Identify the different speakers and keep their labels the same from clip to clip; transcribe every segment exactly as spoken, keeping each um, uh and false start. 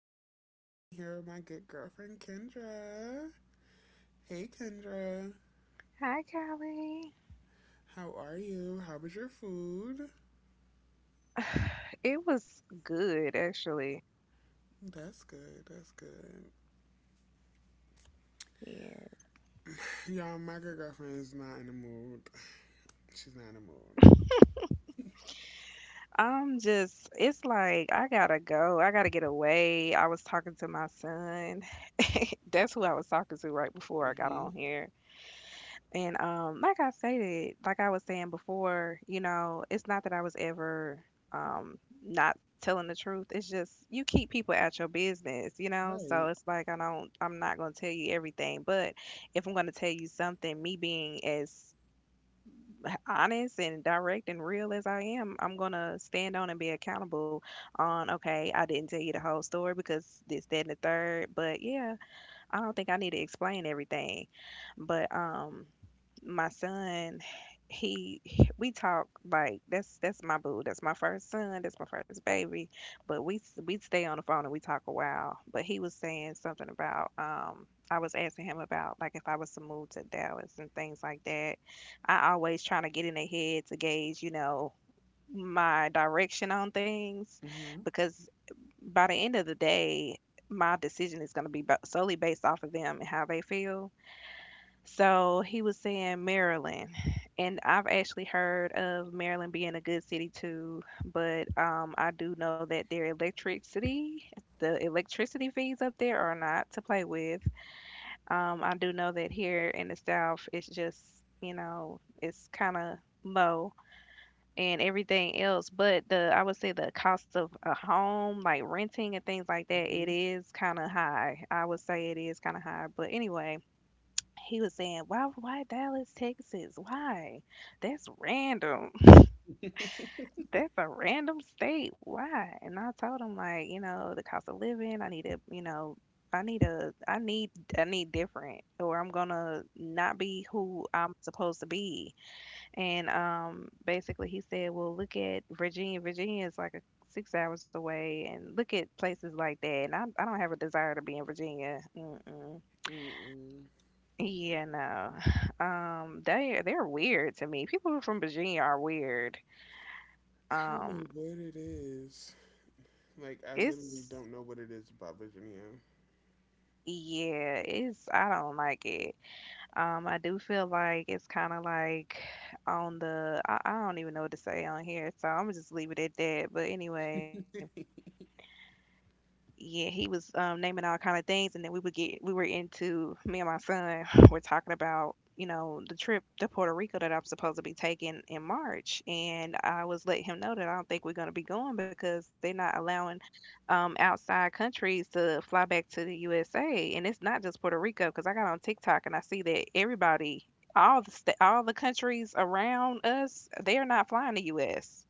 Speaker 1: Callie, and I'm here with my good girlfriend Kendra. Hey Kendra,
Speaker 2: Hi, Callie.
Speaker 1: how are you? How was your food?
Speaker 2: It was good, actually.
Speaker 1: That's good, that's good.
Speaker 2: Yeah.
Speaker 1: Y'all, my good girlfriend is not in the mood. She's not in the mood.
Speaker 2: I'm just, it's like, I gotta go. I gotta get away. I was talking to my son. That's who I was talking to right before I got on here. And um, like I stated, like I was saying before, you know, it's not that I was ever um not telling the truth. It's just you keep people at your business, you
Speaker 1: Hmm
Speaker 2: know? So
Speaker 1: Right.
Speaker 2: it's like I don't I'm not gonna tell you everything, but if I'm gonna tell you something, me being as honest and direct and real as I am, I'm gonna stand on and be accountable on, okay, I didn't tell you the whole story because this, that, and the third. But yeah, I don't think I need to explain everything, but um, my son, he we talk like that's that's my boo, that's my first son, that's my first baby, but we we stay on the phone and we talk a while. But he was saying something about um, I was asking him about like if I was to move to Dallas and things like that. I always trying to get in their head to gauge, you know, my direction on things
Speaker 1: Mm-hmm.
Speaker 2: because by the end of the day, my decision is going to be ba- solely based off of them and how they feel. So he was saying Maryland, and I've actually heard of Maryland being a good city too, but um, I do know that their electricity, the electricity fees up there are not to play with. Um, I do know that here in the South, it's just, you know, it's kind of low and everything else. But the I would say the cost of a home, like renting and things like that, it
Speaker 1: Mm-hmm.
Speaker 2: is kind of high. I would say it is kind of high. But anyway, he was saying, "Why, why Dallas, Texas? Why? That's random. That's a random state. Why?" And I told him, like, you know, the cost of living. I need to, you know. I need a I need I need different or I'm gonna not be who I'm supposed to be and um, basically, he said, "Well, look at Virginia. Virginia is like a, six hours away, and look at places like that." And I, I don't have a desire to be in Virginia. Mm-mm.
Speaker 1: Mm-mm.
Speaker 2: Yeah, no. Um, they they're weird to me. People from Virginia are weird.
Speaker 1: I don't
Speaker 2: Um,
Speaker 1: know what it is. Like, I literally
Speaker 2: it's
Speaker 1: don't know what it is about Virginia.
Speaker 2: yeah, it's I don't like it. Um, I do feel like it's kind of like on the I, I don't even know what to say on here, so I'm gonna just leave it at that. But anyway, yeah, he was um, naming all kind of things, and then we would get we were into me and my son were talking about, you know, the trip to Puerto Rico that I'm supposed to be taking in March, and I was letting him know that I don't think we're going to be going because they're not allowing um, outside countries to fly back to the U S A, and it's not just Puerto Rico because I got on TikTok and I see that everybody. All the sta all the countries around us, they are not flying the U S.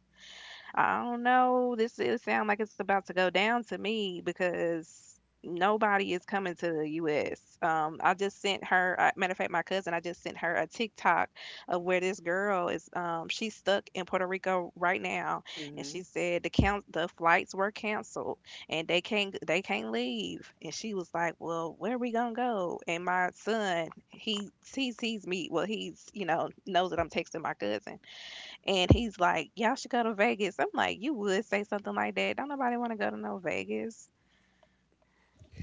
Speaker 2: I don't know. This it sound like it's about to go down to me because nobody is coming to the U S. Um, I just sent her. Uh, matter of fact, my cousin. I just sent her a TikTok of where this girl is. Um, she's stuck in Puerto Rico right now, and she
Speaker 1: hmm
Speaker 2: said the count the flights were canceled and they can't they can't leave. And she was like, "Well, where we gonna go?" And my son, he he sees me. Well, he's, you know, knows that I'm texting my cousin. And he's like, y'all should go to Vegas. I'm like, you would say something like that. Don't nobody want to go to no Vegas.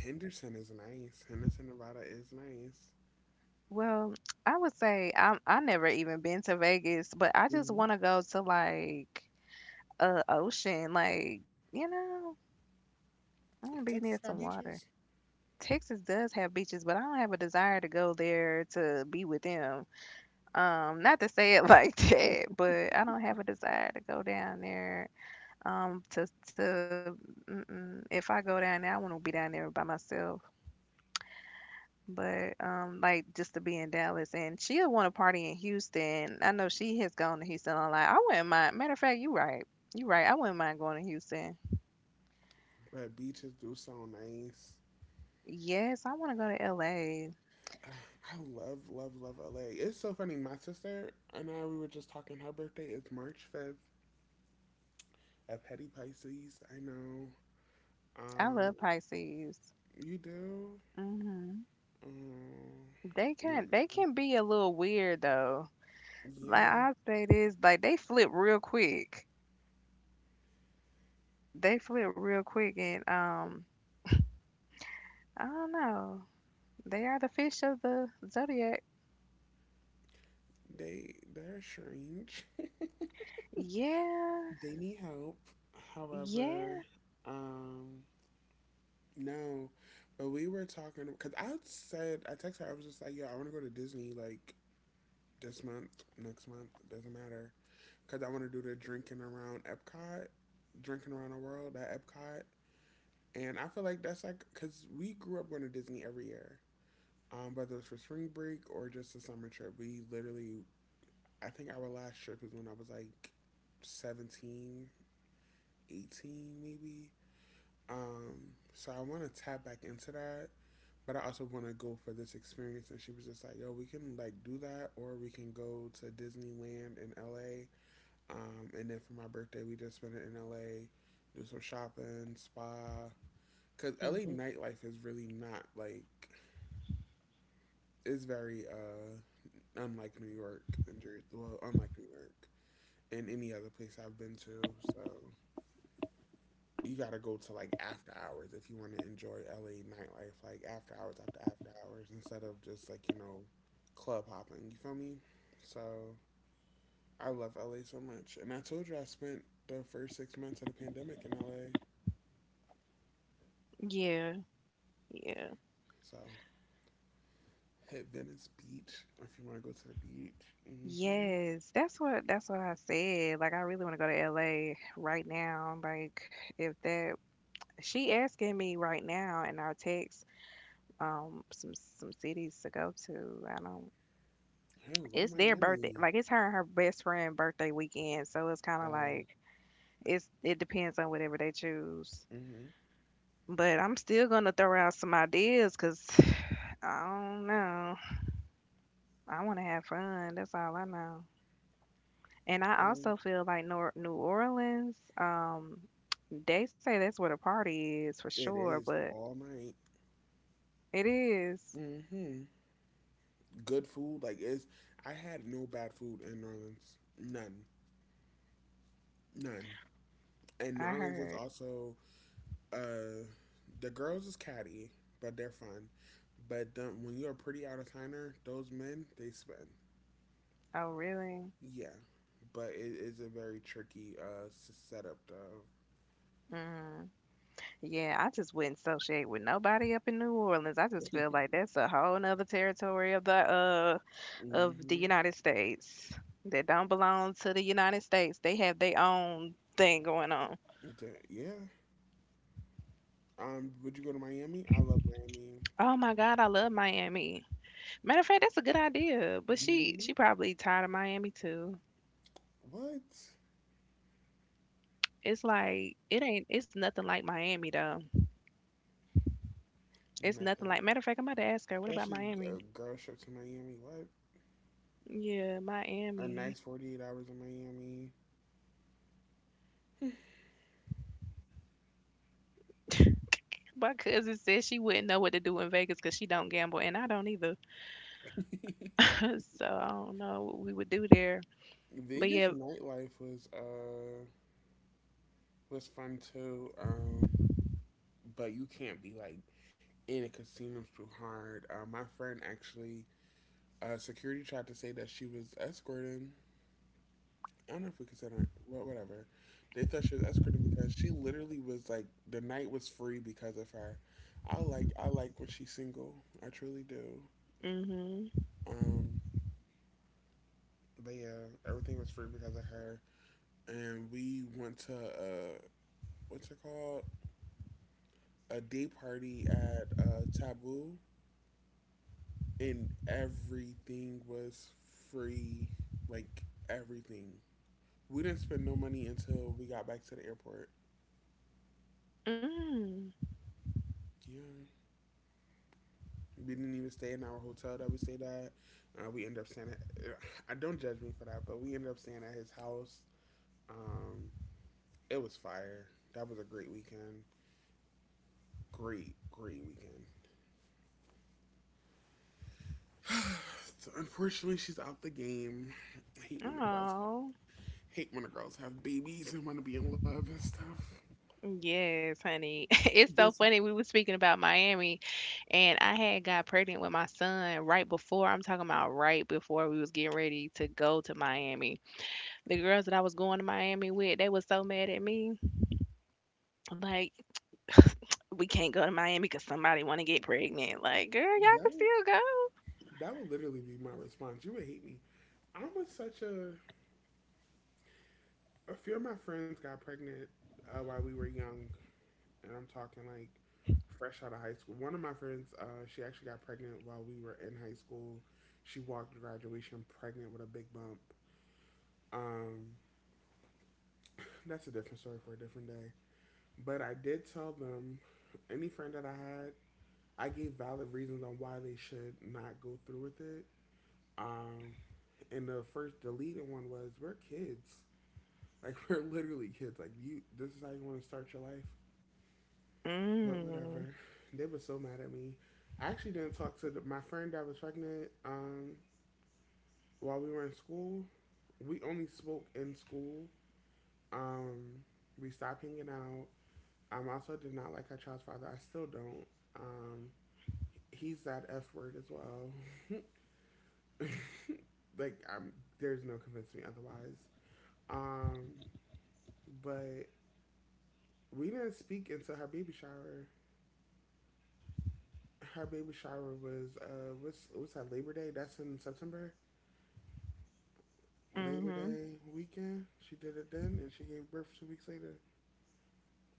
Speaker 1: Henderson is nice. Henderson, Nevada is nice.
Speaker 2: Well, I would say I'm I never even been to Vegas, but I just want to go to like a ocean, like, you know, I want to be near
Speaker 1: Texas
Speaker 2: some
Speaker 1: got
Speaker 2: water.
Speaker 1: beaches,
Speaker 2: Texas does have beaches, but I don't have a desire to go there to be with them. Um, not to say it like that, but I don't have a desire to go down there. Um, to to mm-mm. If I go down there, I want to be down there by myself. But um, like just to be in Dallas, and she'll want to party in Houston. I know she has gone to Houston a lot. I wouldn't mind. Matter of fact, you right. You right. I wouldn't mind going to Houston.
Speaker 1: but beaches do sound nice.
Speaker 2: Yes, I want to go to L A.
Speaker 1: Uh, I love, love, love L A. It's so funny. My sister and I, we were just talking. Her birthday is March fifth at Petty Pisces. I know.
Speaker 2: I love
Speaker 1: Um,
Speaker 2: Pisces.
Speaker 1: you do?
Speaker 2: Hmm.
Speaker 1: Um,
Speaker 2: They
Speaker 1: mm,
Speaker 2: can they can be a little weird though. Like
Speaker 1: yeah,
Speaker 2: I say this, like they flip real quick. They flip real quick, and um, I don't know. They are the fish of the zodiac.
Speaker 1: they, they're strange.
Speaker 2: Yeah,
Speaker 1: They need help. However,
Speaker 2: yeah,
Speaker 1: um, no, but we were talking because I said I texted her. I was just like, "Yo, I want to go to Disney. Like, this month, next month, it doesn't matter. Because I want to do the drinking around Epcot, drinking around the world at Epcot." And I feel like that's like, because we grew up going to Disney every year, um, whether it's for spring break or just a summer trip. We literally, I think our last trip is when I was like seventeen, eighteen, maybe. Um, so I want to tap back into that, but I also want to go for this experience. And she was just like, yo, we can like do that, or we can go to Disneyland in L A. Um, and then for my birthday, we just spent it in L A, do some shopping, spa. Cause L A
Speaker 2: hmm,
Speaker 1: nightlife is really not like it's very uh unlike New York and Jer- well, unlike New York and any other place I've been to. So you gotta go to like after hours if you want to enjoy L A nightlife, like after hours after after hours instead of just like, you know, club hopping. You feel me? So I love L A so much, and I told you I spent the first six months of the pandemic in L A.
Speaker 2: yeah. Yeah.
Speaker 1: So hit Venice Beach if you want to go to the beach. Mm-hmm.
Speaker 2: Yes, that's what that's what I said. Like I really want to go to L A right now. Like if that she asking me right now in our text um some some cities to go to. I don't
Speaker 1: Hell, go to
Speaker 2: It's their birthday.
Speaker 1: Miami.
Speaker 2: Like it's her and her best friend birthday weekend, so it's kind of
Speaker 1: Um,
Speaker 2: like it's it depends on whatever they choose.
Speaker 1: hmm
Speaker 2: But I'm still gonna throw out some ideas, cause I don't know. I want to have fun. That's all I know. And I
Speaker 1: um,
Speaker 2: also feel like Nor New Orleans, um, they say that's where the party is for
Speaker 1: it
Speaker 2: sure,
Speaker 1: is
Speaker 2: but
Speaker 1: all night.
Speaker 2: it is.
Speaker 1: Mm hmm Good food, like it's. I had no bad food in New Orleans. None, none. And New
Speaker 2: I
Speaker 1: Orleans is
Speaker 2: heard.
Speaker 1: also uh, the girls is catty, but they're fun. But the, when you're a pretty out of towner, those men they spend.
Speaker 2: Oh, really?
Speaker 1: Yeah, but it is a very tricky uh, s- setup though.
Speaker 2: Mm. Yeah, I just wouldn't associate with nobody up in New Orleans. I just feel like that's a whole nother territory of the uh of the
Speaker 1: hmm
Speaker 2: United States that don't belong to the United States. They have their own thing going on.
Speaker 1: Da- Yeah. Um, would you go to Miami? I love Miami.
Speaker 2: Oh my God, I love Miami. Matter of fact, that's a good idea. But she
Speaker 1: Hmm
Speaker 2: she probably tired of Miami too.
Speaker 1: What?
Speaker 2: It's like it ain't. It's nothing like Miami though. It's nothing
Speaker 1: Nothing.
Speaker 2: like. Matter of fact, I'm about to ask her. What about
Speaker 1: Especially
Speaker 2: Miami?
Speaker 1: a girl trip to Miami. What?
Speaker 2: Yeah,
Speaker 1: A nice
Speaker 2: Miami.
Speaker 1: forty-eight hours in Miami.
Speaker 2: My cousin said she wouldn't know what to do in Vegas because she don't gamble, and I don't either. So I don't know what we would do there. But
Speaker 1: Vegas
Speaker 2: yeah.
Speaker 1: nightlife was uh was fun too. Um, but you can't be like in a casino's too hard. Uh, my friend actually, uh, security tried to say that she was escorting. I don't know if we consider it, well, whatever. They thought she was escorting because she literally was like the night was free because of her. I like I like when she's single. I truly do.
Speaker 2: Mhm.
Speaker 1: Um, but yeah, everything was free because of her. And we went to uh, what's it called? A day party at uh, Taboo, and everything was free. Like everything. We didn't spend no money until we got back to the airport.
Speaker 2: Mm.
Speaker 1: Yeah. We didn't even stay in our hotel that we stayed at. Uh, we ended up staying at, uh, I don't judge me for that, but we ended up staying at his house. Um, it was fire. That was a great weekend. Great, great weekend. So unfortunately, she's out the game. I hate when the girls have,
Speaker 2: Oh.
Speaker 1: hate when the girls have babies and want to be in love and stuff.
Speaker 2: Yes, honey. It's so
Speaker 1: Guess what?
Speaker 2: funny. We were speaking about Miami, and I had got pregnant with my son right before. I'm talking about right before we was getting ready to go to Miami. The girls that I was going to Miami with, they was so mad at me. Like, we can't go to Miami because somebody want to get pregnant. Like, girl, y'all
Speaker 1: that
Speaker 2: can
Speaker 1: would
Speaker 2: still go.
Speaker 1: that would literally be my response. You would hate me. I was such a A few of my friends got pregnant, uh, while we were young, and I'm talking like fresh out of high school. One of my friends, uh, she actually got pregnant while we were in high school. She walked to graduation pregnant with a big bump. Um, that's a different story for a different day. But I did tell them, any friend that I had, I gave valid reasons on why they should not go through with it. Um, and the first deleted one was we're kids. Like, we're literally kids. Like you, this is how you want to start your life. But
Speaker 2: Mm,
Speaker 1: whatever. They were so mad at me. I actually didn't talk to the, my friend that was pregnant um, while we were in school. We only spoke in school. Um, we stopped hanging out. Um, I um, also did not like her child's father. I still don't. Um, he's that F word as well. like, I'm, there's no convincing me otherwise. Um, but we didn't speak until her baby shower. Her baby shower was uh, what's what's that? Labor Day? That's in September. Labor
Speaker 2: mm-hmm.
Speaker 1: Day weekend. She did it then, and she gave birth two weeks later.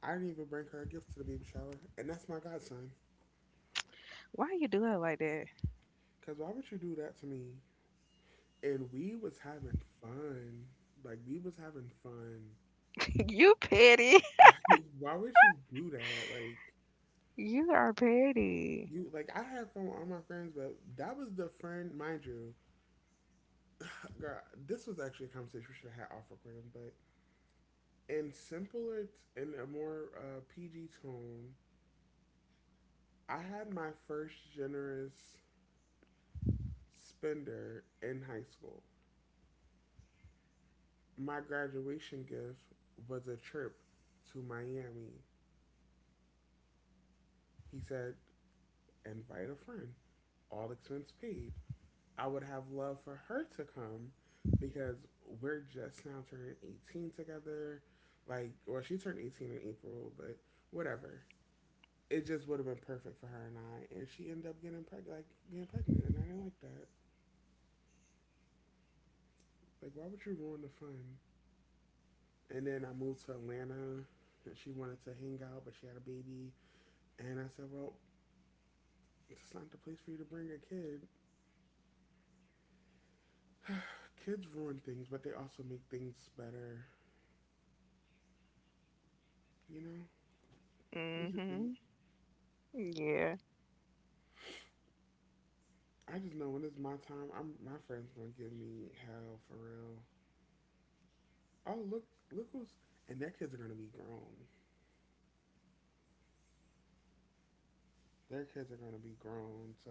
Speaker 1: I didn't even bring her a gift to the baby shower, and that's my godson.
Speaker 2: Why you do it like that?
Speaker 1: Cause why would you do that to me? And we was having fun. Like we was having fun.
Speaker 2: You petty.
Speaker 1: Like, why would you do that? Like
Speaker 2: You are petty.
Speaker 1: you like I had fun with all my friends, but that was the friend, mind you. Girl, this was actually a conversation we should have had off recording, but in simpler t- in a more uh, P G tone, I had my first generous spender in high school. My graduation gift was a trip to Miami. He said, invite a friend, all expense paid. I would have loved for her to come because we're just now turning eighteen together. Like, well, she turned eighteen in April, but whatever. It just would have been perfect for her and I. And she ended up getting pregnant, like being pregnant, and I didn't like that. Like, why would you ruin the fun? And then I moved to Atlanta, and she wanted to hang out, but she had a baby. And I said, well, it's not the place for you to bring a kid. Kids ruin things, but they also make things better. You know, this is the thing.
Speaker 2: Mm-hmm. Yeah.
Speaker 1: I just know when it's my time, I'm my friends gonna give me hell for real. Oh look, look who's and their kids are gonna be grown. Their kids are gonna be grown, so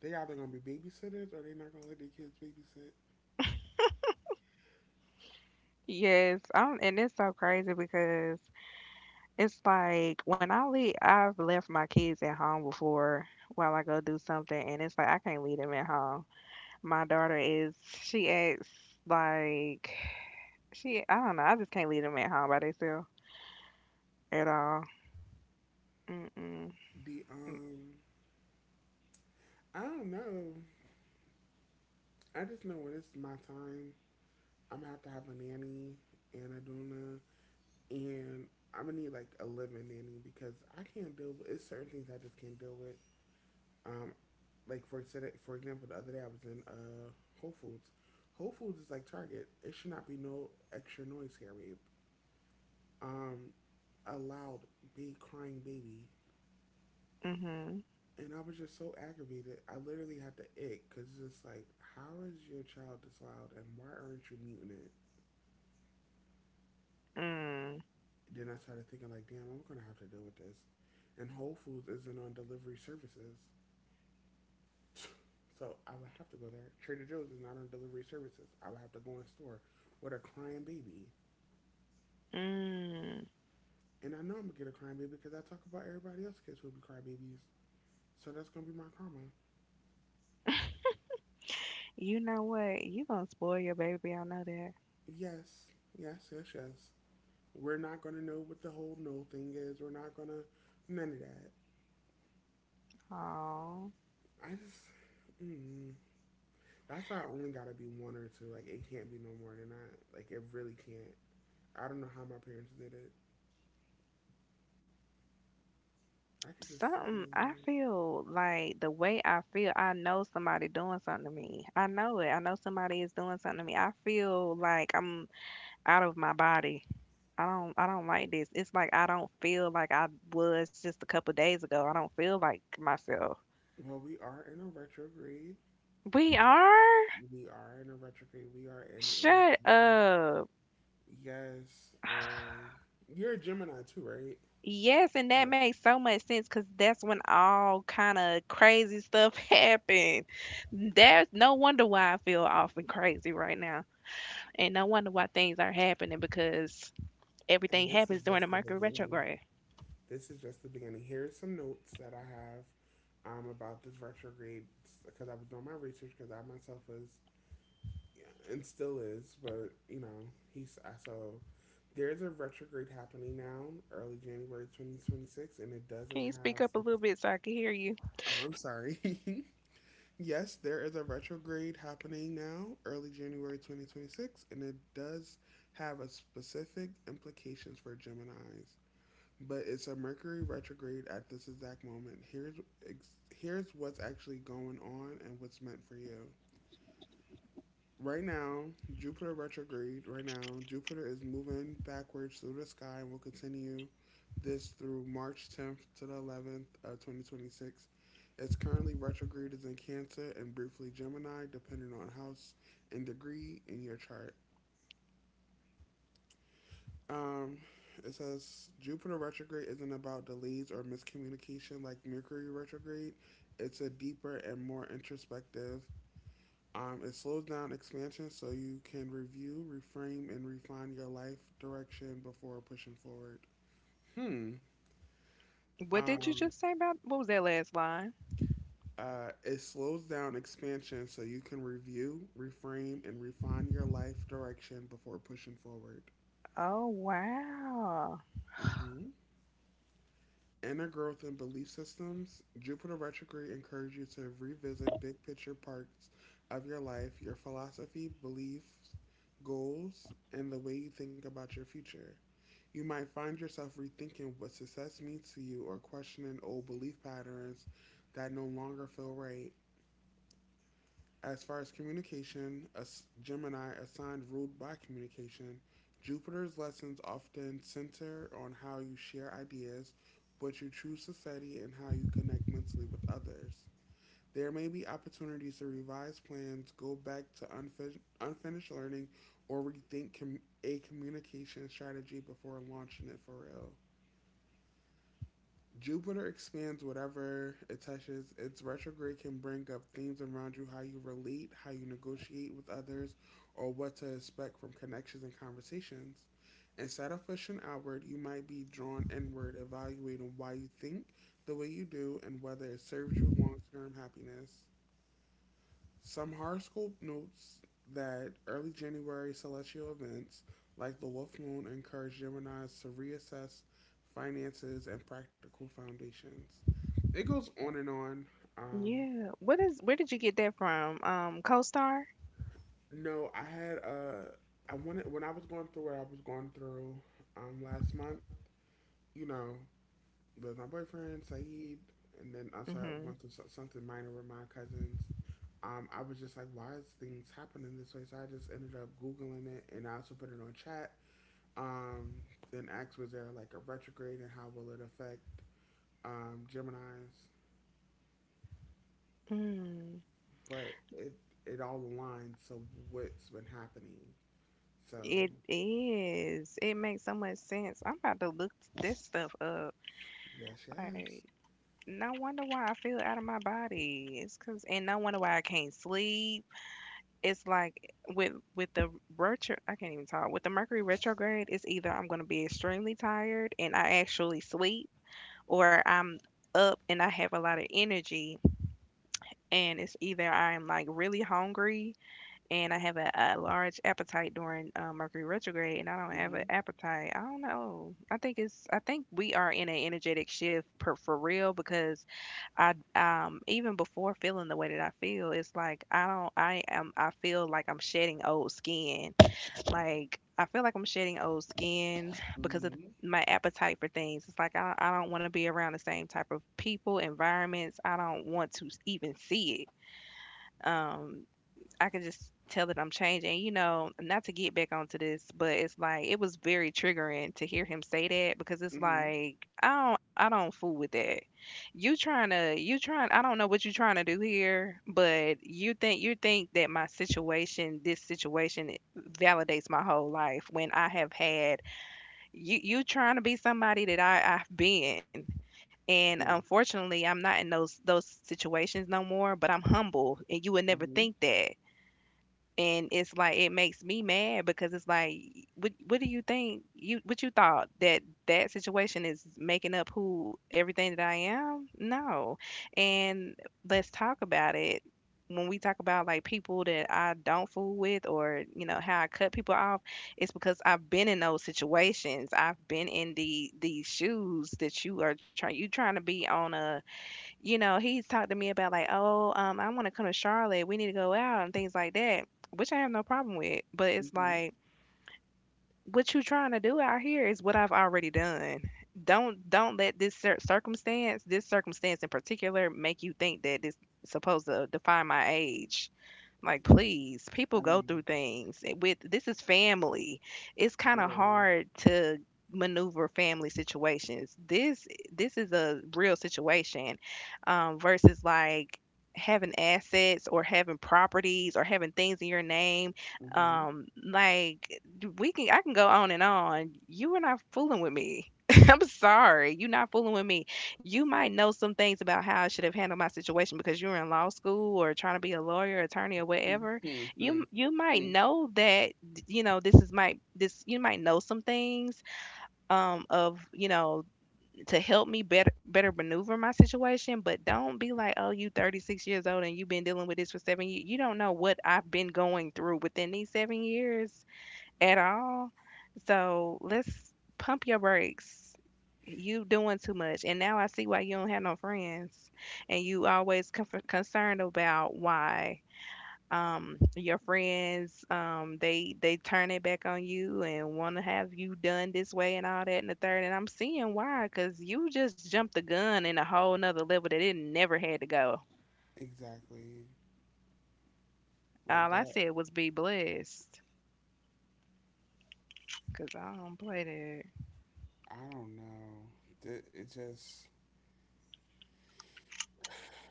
Speaker 1: they either gonna be babysitters or they not gonna let their kids babysit.
Speaker 2: Yes. I'm, and it's so crazy because it's like when I leave, I've left my kids at home before while I go do something, and it's like I can't leave them at home. My daughter is she acts like she I don't know. I just can't leave them at home by themselves at all. Mm-mm.
Speaker 1: The um, I don't know. I just know when it's my time, I'm gonna have to have a nanny and a doona, and I'm gonna need like a living nanny because I can't deal with it's certain things I just can't deal with. Um, like for today, for example, the other day I was in uh Whole Foods. Whole Foods is like Target. It should not be no extra noise here, babe. Um, a loud, big crying baby,
Speaker 2: Mm-hmm.
Speaker 1: and I was just so aggravated. I literally had to ick because it's just like, how is your child this loud, and why aren't you muting it?
Speaker 2: Mm.
Speaker 1: Then I started thinking like, damn, I'm gonna have to deal with this. And Whole Foods isn't on delivery services, so I would have to go there. Trader Joe's is not on delivery services. I would have to go in store with a crying baby.
Speaker 2: Mm.
Speaker 1: And I know I'm gonna get a crying baby because I talk about everybody else's kids who be crying babies. So that's gonna be my karma.
Speaker 2: You know what? You gonna spoil your baby. I know that.
Speaker 1: Yes, yes, yes, yes. We're not gonna know what the whole no thing is. We're not gonna none of that.
Speaker 2: Oh,
Speaker 1: I just mm, that's why I only gotta be one or two. Like it can't be no more than that. Like it really can't. I don't know how my parents did it. I could just see it.
Speaker 2: something. I
Speaker 1: In
Speaker 2: feel like the way I feel. I know somebody doing something to me. I know it. I know somebody is doing something to me. I feel like I'm out of my body. I don't I don't like this. It's like I don't feel like I was just a couple days ago. I don't feel like myself.
Speaker 1: Well, we are in a retrograde.
Speaker 2: We are?
Speaker 1: We are in a retrograde. We are in
Speaker 2: Shut
Speaker 1: a
Speaker 2: up.
Speaker 1: yes. Um, you're a Gemini too, right?
Speaker 2: Yes, and that
Speaker 1: Yes.
Speaker 2: makes so much sense because that's when all kind of crazy stuff happened. There's no wonder why I feel off and crazy right now. And no wonder why things are happening because
Speaker 1: And
Speaker 2: everything
Speaker 1: this is
Speaker 2: happens during the
Speaker 1: just the
Speaker 2: Mercury
Speaker 1: beginning.
Speaker 2: retrograde.
Speaker 1: This is just the beginning. Here's some notes that I have um, about this retrograde because I was doing my research because I myself was, yeah, and still is, but you know, he's uh, so there's a retrograde happening now, early January twenty twenty-six, and it
Speaker 2: Can you
Speaker 1: doesn't
Speaker 2: speak up a
Speaker 1: have.
Speaker 2: little bit so I can hear you?
Speaker 1: Oh, I'm sorry. Yes, there is a retrograde happening now, early January twenty twenty-six, and it does have a specific implications for Gemini's. But it's a Mercury retrograde at this exact moment. Here's ex- here's what's actually going on and what's meant for you. Right now, Jupiter retrograde. Right now, Jupiter is moving backwards through the sky and will continue this through March tenth to the eleventh of twenty twenty-six. It's currently retrograde is in Cancer and briefly Gemini, depending on house and degree in your chart. Um, it says Jupiter retrograde isn't about delays or miscommunication like Mercury retrograde. It's a deeper and more introspective. Um, it slows down expansion so you can review, reframe, and refine your life direction before pushing forward. Hmm.
Speaker 2: What did you just
Speaker 1: Um,
Speaker 2: say about what was that last line?
Speaker 1: uh, it slows down expansion so you can review, reframe, and refine your life direction before pushing forward.
Speaker 2: Oh, wow.
Speaker 1: Inner growth and belief systems, Jupiter retrograde encourages you to revisit big picture parts of your life, your philosophy, beliefs, goals, and the way you think about your future. You might find yourself rethinking what success means to you or questioning old belief patterns that no longer feel right. As far as communication, Gemini, a sign ruled by communication, Jupiter's lessons often center on how you share ideas, what you choose to study, and how you connect mentally with others. There may be opportunities to revise plans, go back to unfin- unfinished learning, or rethink com- a communication strategy before launching it for real. Jupiter expands whatever it touches. Its retrograde can bring up themes around you, how you relate, how you negotiate with others, or what to expect from connections and conversations. Instead of pushing outward, you might be drawn inward, evaluating why you think the way you do and whether it serves you long term happiness. Some horoscope notes that early January celestial events like the Wolf Moon encourage Geminis to reassess finances and practical foundations. It goes on and on. Um,
Speaker 2: Yeah. What is where did you get that from? Um, CoStar?
Speaker 1: no, I had a. I wanted when I was going through what I was going through um, last month. You know, but my boyfriend Saeed, and then also I
Speaker 2: Mm-hmm.
Speaker 1: went through so- something minor with my cousins. Um, I was just like, why is things happening this way? So I just ended up googling it, and I also put it on chat. Um, then asked, was there like a retrograde, and how will it affect um, Gemini's?
Speaker 2: Mm.
Speaker 1: But it it all aligns to what's been happening. So
Speaker 2: It is. It makes so much sense. I'm about to look this stuff up.
Speaker 1: yes,
Speaker 2: Like,
Speaker 1: yes.
Speaker 2: no wonder why I feel out of my body. It's cause, and no wonder why I can't sleep. It's like with with the retro. I can't even talk. With the Mercury retrograde, it's either I'm gonna be extremely tired and I actually sleep, or I'm up and I have a lot of energy and it's either I'm like really hungry and I have a, a large appetite during uh, Mercury retrograde, and I don't have
Speaker 1: Mhm.
Speaker 2: an appetite. I don't know. I think it's. I think we are in an energetic shift per, for real because I um even before feeling the way that I feel, it's like I don't. I am. I feel like I'm shedding old skin. Like I feel like I'm shedding old skin because of the
Speaker 1: Mhm.
Speaker 2: my appetite for things. It's like I, I don't want to be around the same type of people, environments. I don't want to even see it. Um, I can just tell that I'm changing. You know, not to get back onto this, but it's like it was very triggering to hear him say that because it's
Speaker 1: Mhm.
Speaker 2: like I don't I don't fool with that. You trying to you trying I don't know what you trying to do here, but you think you think that my situation, this situation validates my whole life when I have had you you trying to be somebody that I I've been. And
Speaker 1: Mhm.
Speaker 2: unfortunately, I'm not in those those situations no more, but I'm humble and you would never
Speaker 1: Mhm.
Speaker 2: think that, and it's like it makes me mad because it's like what what do you think, you what you thought that that situation is making up who, everything that I am? No. And let's talk about it. When we talk about like people that I don't fool with, or you know how I cut people off, it's because I've been in those situations. I've been in the these shoes that you are trying you trying to be on a, you know, he's talked to me about like, "Oh, um, I wanna come to Charlotte, we need to go out," and things like that, which I have no problem with, but it's
Speaker 1: Mhm.
Speaker 2: like, what you trying to do out here is what I've already done. Don't don't let this cir circumstance, this circumstance in particular make you think that this supposed to define my age. Like,
Speaker 1: Like
Speaker 2: please, people
Speaker 1: I
Speaker 2: go
Speaker 1: didn't
Speaker 2: through
Speaker 1: like,
Speaker 2: things. It- With This is family. It's kind of
Speaker 1: literally.
Speaker 2: hard to maneuver family situations. This eh, this is a real situation, um, versus like having assets or having properties or having things in your name.
Speaker 1: Mhm.
Speaker 2: Um, like, we can I can go on and on. You are not fooling with me. I'm sorry. You're not fooling with me. You might know some things about how I should have handled my situation because you're in law school or trying to be a lawyer, attorney, or whatever.
Speaker 1: Mm-hmm.
Speaker 2: You you might know that. You know this is my this You might know some things, um of, you know, to help me better better maneuver my situation. But don't be like, "Oh, you thirty-six years old and you've been dealing with this for seven years. You don't know what I've been going through within these seven years at all." So let's pump your brakes. You doing too much, and now I see why you don't have no friends, and you always con- concerned about why, um your friends, um they they turn it back on you and want to have you done this way and all that and the third, and I'm seeing why, because you just jumped the gun in a whole nother level that it never had to go.
Speaker 1: Exactly. Like
Speaker 2: All I
Speaker 1: that.
Speaker 2: said was be blessed because I don't play
Speaker 1: I don't know. Th- It just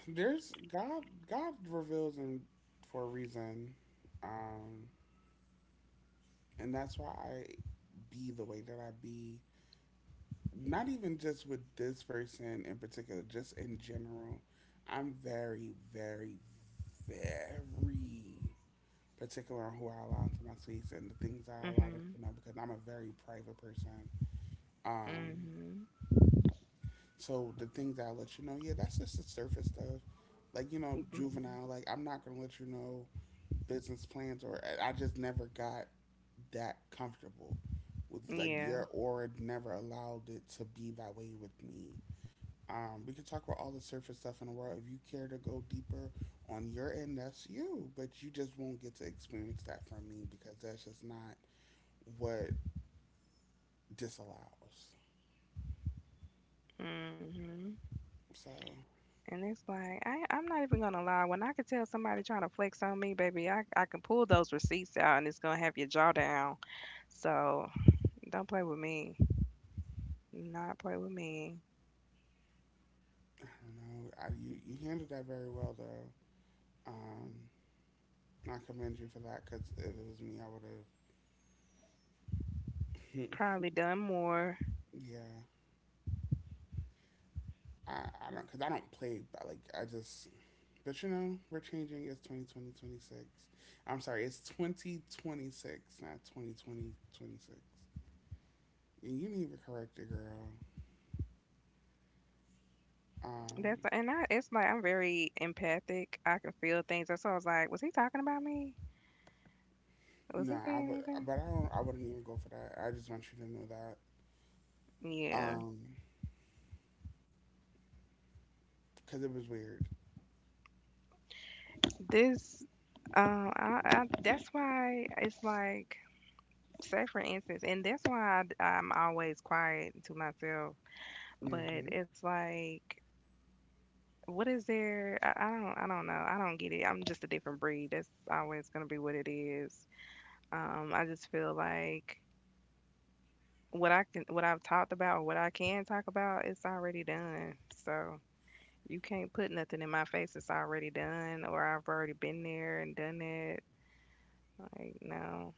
Speaker 1: there's God. God reveals him for a reason, um, and that's why I be the way that I be. Not even just with this person in particular, just in general. I'm very, very, very particular on who I allow into my space and the things
Speaker 2: that.
Speaker 1: I allow them
Speaker 2: Mm-hmm.
Speaker 1: to know because I'm a very private person. Um,
Speaker 2: Mm-hmm.
Speaker 1: So the things that I let you know, yeah, that's just the surface stuff. Like, you know,
Speaker 2: Mm-hmm.
Speaker 1: juvenile. Like I'm not gonna let you know business plans, or I I just never got that comfortable with like
Speaker 2: Yeah.
Speaker 1: your aura. Never allowed it to be that way with me. Um, we can talk about all the surface stuff in the world. If you care to go deeper on your end, that's you. But you just won't get to experience that from me because that's just not what disallows.
Speaker 2: Mhm.
Speaker 1: So
Speaker 2: And it's like I I'm not even gonna lie. When I could tell somebody trying to flex on me, baby, I I can pull those receipts out and it's gonna have your jaw down. So don't play with me. Do not play with me.
Speaker 1: I don't know. I, you you handled that very well though. Um, I commend you for that because if it was me, I would have.
Speaker 2: Probably done more.
Speaker 1: Yeah, I, I don't because I don't play. But like I just, but you know, we're changing. It's twenty twenty, twenty-six. I'm sorry, it's twenty twenty-six, not twenty twenty twenty six. And you need to correct it, girl.
Speaker 2: That's
Speaker 1: Um,
Speaker 2: and I It's like I'm very empathic. I can feel things. That's why I was like, was he talking about me?
Speaker 1: no,
Speaker 2: Was he
Speaker 1: I
Speaker 2: saying
Speaker 1: would, but
Speaker 2: anything?
Speaker 1: I don't. I wouldn't even go for that. I just want you to know that.
Speaker 2: Yeah.
Speaker 1: Um, because it was weird.
Speaker 2: This um I, I That's why it's like, say for instance, and that's why I, am always quiet to myself. But
Speaker 1: Mm-hmm.
Speaker 2: it's like, what is there? I, I don't, I don't know. I don't get it. I'm just a different breed. That's always gonna be what it is. Um, I just feel like what I can, what I've talked about, or what I can talk about, it's already done. So you can't put nothing in my face. It's already done, or I've already been there and done it. Like, no.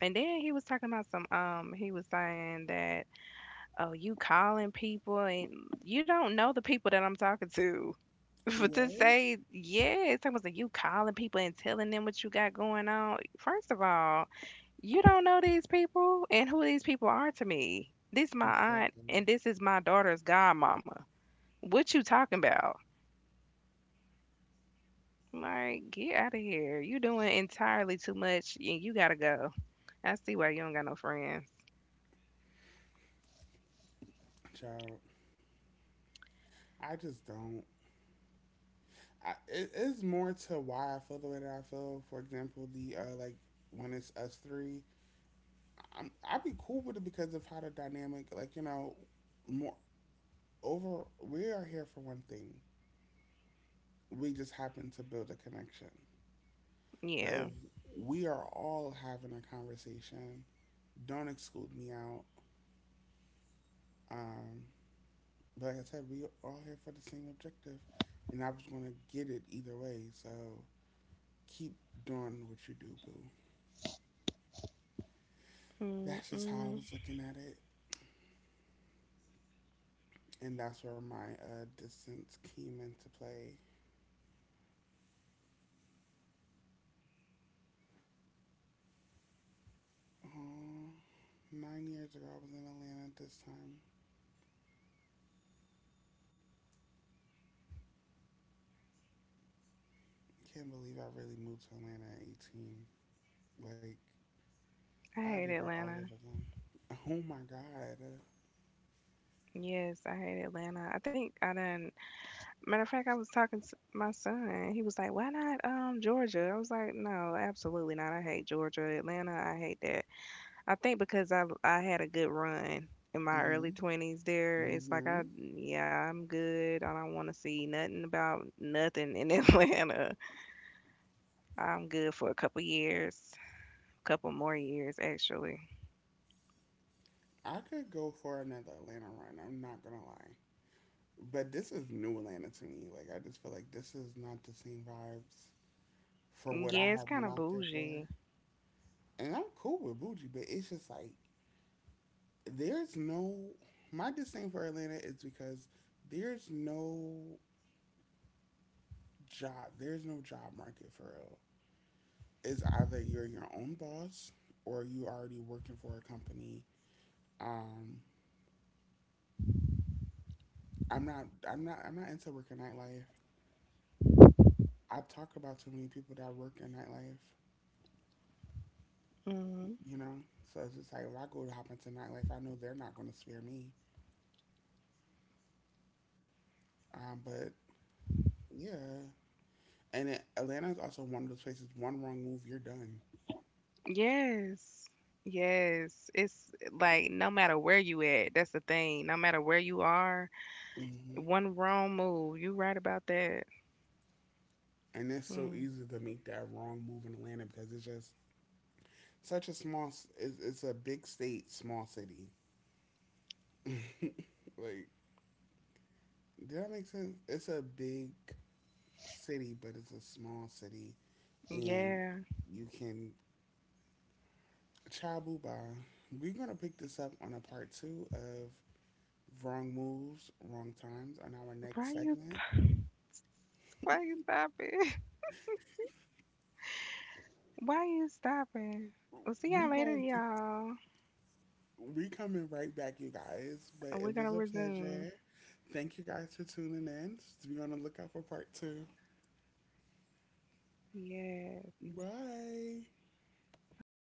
Speaker 2: And then he was talking about some. Um, he was saying that, "Oh, you calling people and you don't know the people that I'm talking to." But to
Speaker 1: What?
Speaker 2: say, yeah, it's almost like you calling people and telling them what you got going on. First of all, you don't know these people and who these people are to me. This my aunt
Speaker 1: Exactly.
Speaker 2: and this is my daughter's godmama. What you talking about? Like, get out of here. You doing entirely too much and you gotta go. I see why you don't got no friends.
Speaker 1: Child, I just don't. I, it is more to why I feel the way that I feel. For example, the uh, like when it's us three, I'm, I'd be cool with it because of how the dynamic, like, you know, more over. We are here for one thing. We just happen to build a connection. But if
Speaker 2: Yeah.
Speaker 1: we are all having a conversation, don't exclude me out. Um, but like I said, we are all here for the same objective, and I was gonna get it either way. So keep doing what you do, boo. That's just how
Speaker 2: Mm-mm.
Speaker 1: I was looking at it. And that's where my uh, distance came into play. Uh, Nine years ago, I was in Atlanta at this time. I can't believe I really moved to Atlanta at eighteen. Like,
Speaker 2: I
Speaker 1: I do
Speaker 2: hate
Speaker 1: that all over
Speaker 2: Atlanta.
Speaker 1: again. Oh my God.
Speaker 2: Yes, I hate Atlanta. I think I done. Matter of fact, I was talking to my son. He was like, "Why not um Georgia?" I was like, "No, absolutely not. I hate Georgia. Atlanta, I hate that. I think because I I had a good run in my
Speaker 1: Mm-hmm.
Speaker 2: early twenties there. It's like
Speaker 1: Mm-hmm.
Speaker 2: I yeah, I'm good. I don't want to see nothing about nothing in Atlanta. I'm good for a couple years, couple more years actually."
Speaker 1: I could go for another Atlanta run. I'm not gonna lie. But this is new Atlanta to me. Like I just feel like this is not the same vibes for what I
Speaker 2: Yeah, it's
Speaker 1: have
Speaker 2: kind
Speaker 1: went
Speaker 2: of
Speaker 1: out there for.
Speaker 2: bougie.
Speaker 1: And I'm cool with Bougie, but it's just like there's no my disdain for Atlanta is because there's no job there's no job market for real. It's either you're your own boss or you already working for a company. Um I'm not I'm not I'm not into working nightlife. I talk about too many people that work in nightlife,
Speaker 2: Mhm.
Speaker 1: you know? So it's just like if I go to hop into nightlife, I know they're not gonna spare me. Um, but Yeah. And it, Atlanta is also one of those places, one wrong move, you're done.
Speaker 2: Yes. Yes. It's eh, like, no matter where you at, that's the thing. No matter where you are,
Speaker 1: hmm
Speaker 2: one wrong move. You right about that.
Speaker 1: and it's so
Speaker 2: Mm,
Speaker 1: easy to make that wrong move in Atlanta because it's just such a small. It's, it's a big state, small city. Like, did that make sense? It's a big city, but it's a small city, and
Speaker 2: yeah.
Speaker 1: you can child boo by. We're gonna pick this up on a part two of wrong moves, wrong times on our
Speaker 2: Why
Speaker 1: next
Speaker 2: you
Speaker 1: segment.
Speaker 2: why you stopping? Why you stopping? We'll see y'all
Speaker 1: We're
Speaker 2: later,
Speaker 1: going to
Speaker 2: y'all.
Speaker 1: We coming right back, you guys.
Speaker 2: And
Speaker 1: But
Speaker 2: we're
Speaker 1: it
Speaker 2: gonna
Speaker 1: was a
Speaker 2: resume.
Speaker 1: pleasure. Thank you guys for tuning in. Just be on the lookout for part two.
Speaker 2: Yes.
Speaker 1: Bye.
Speaker 2: Bye.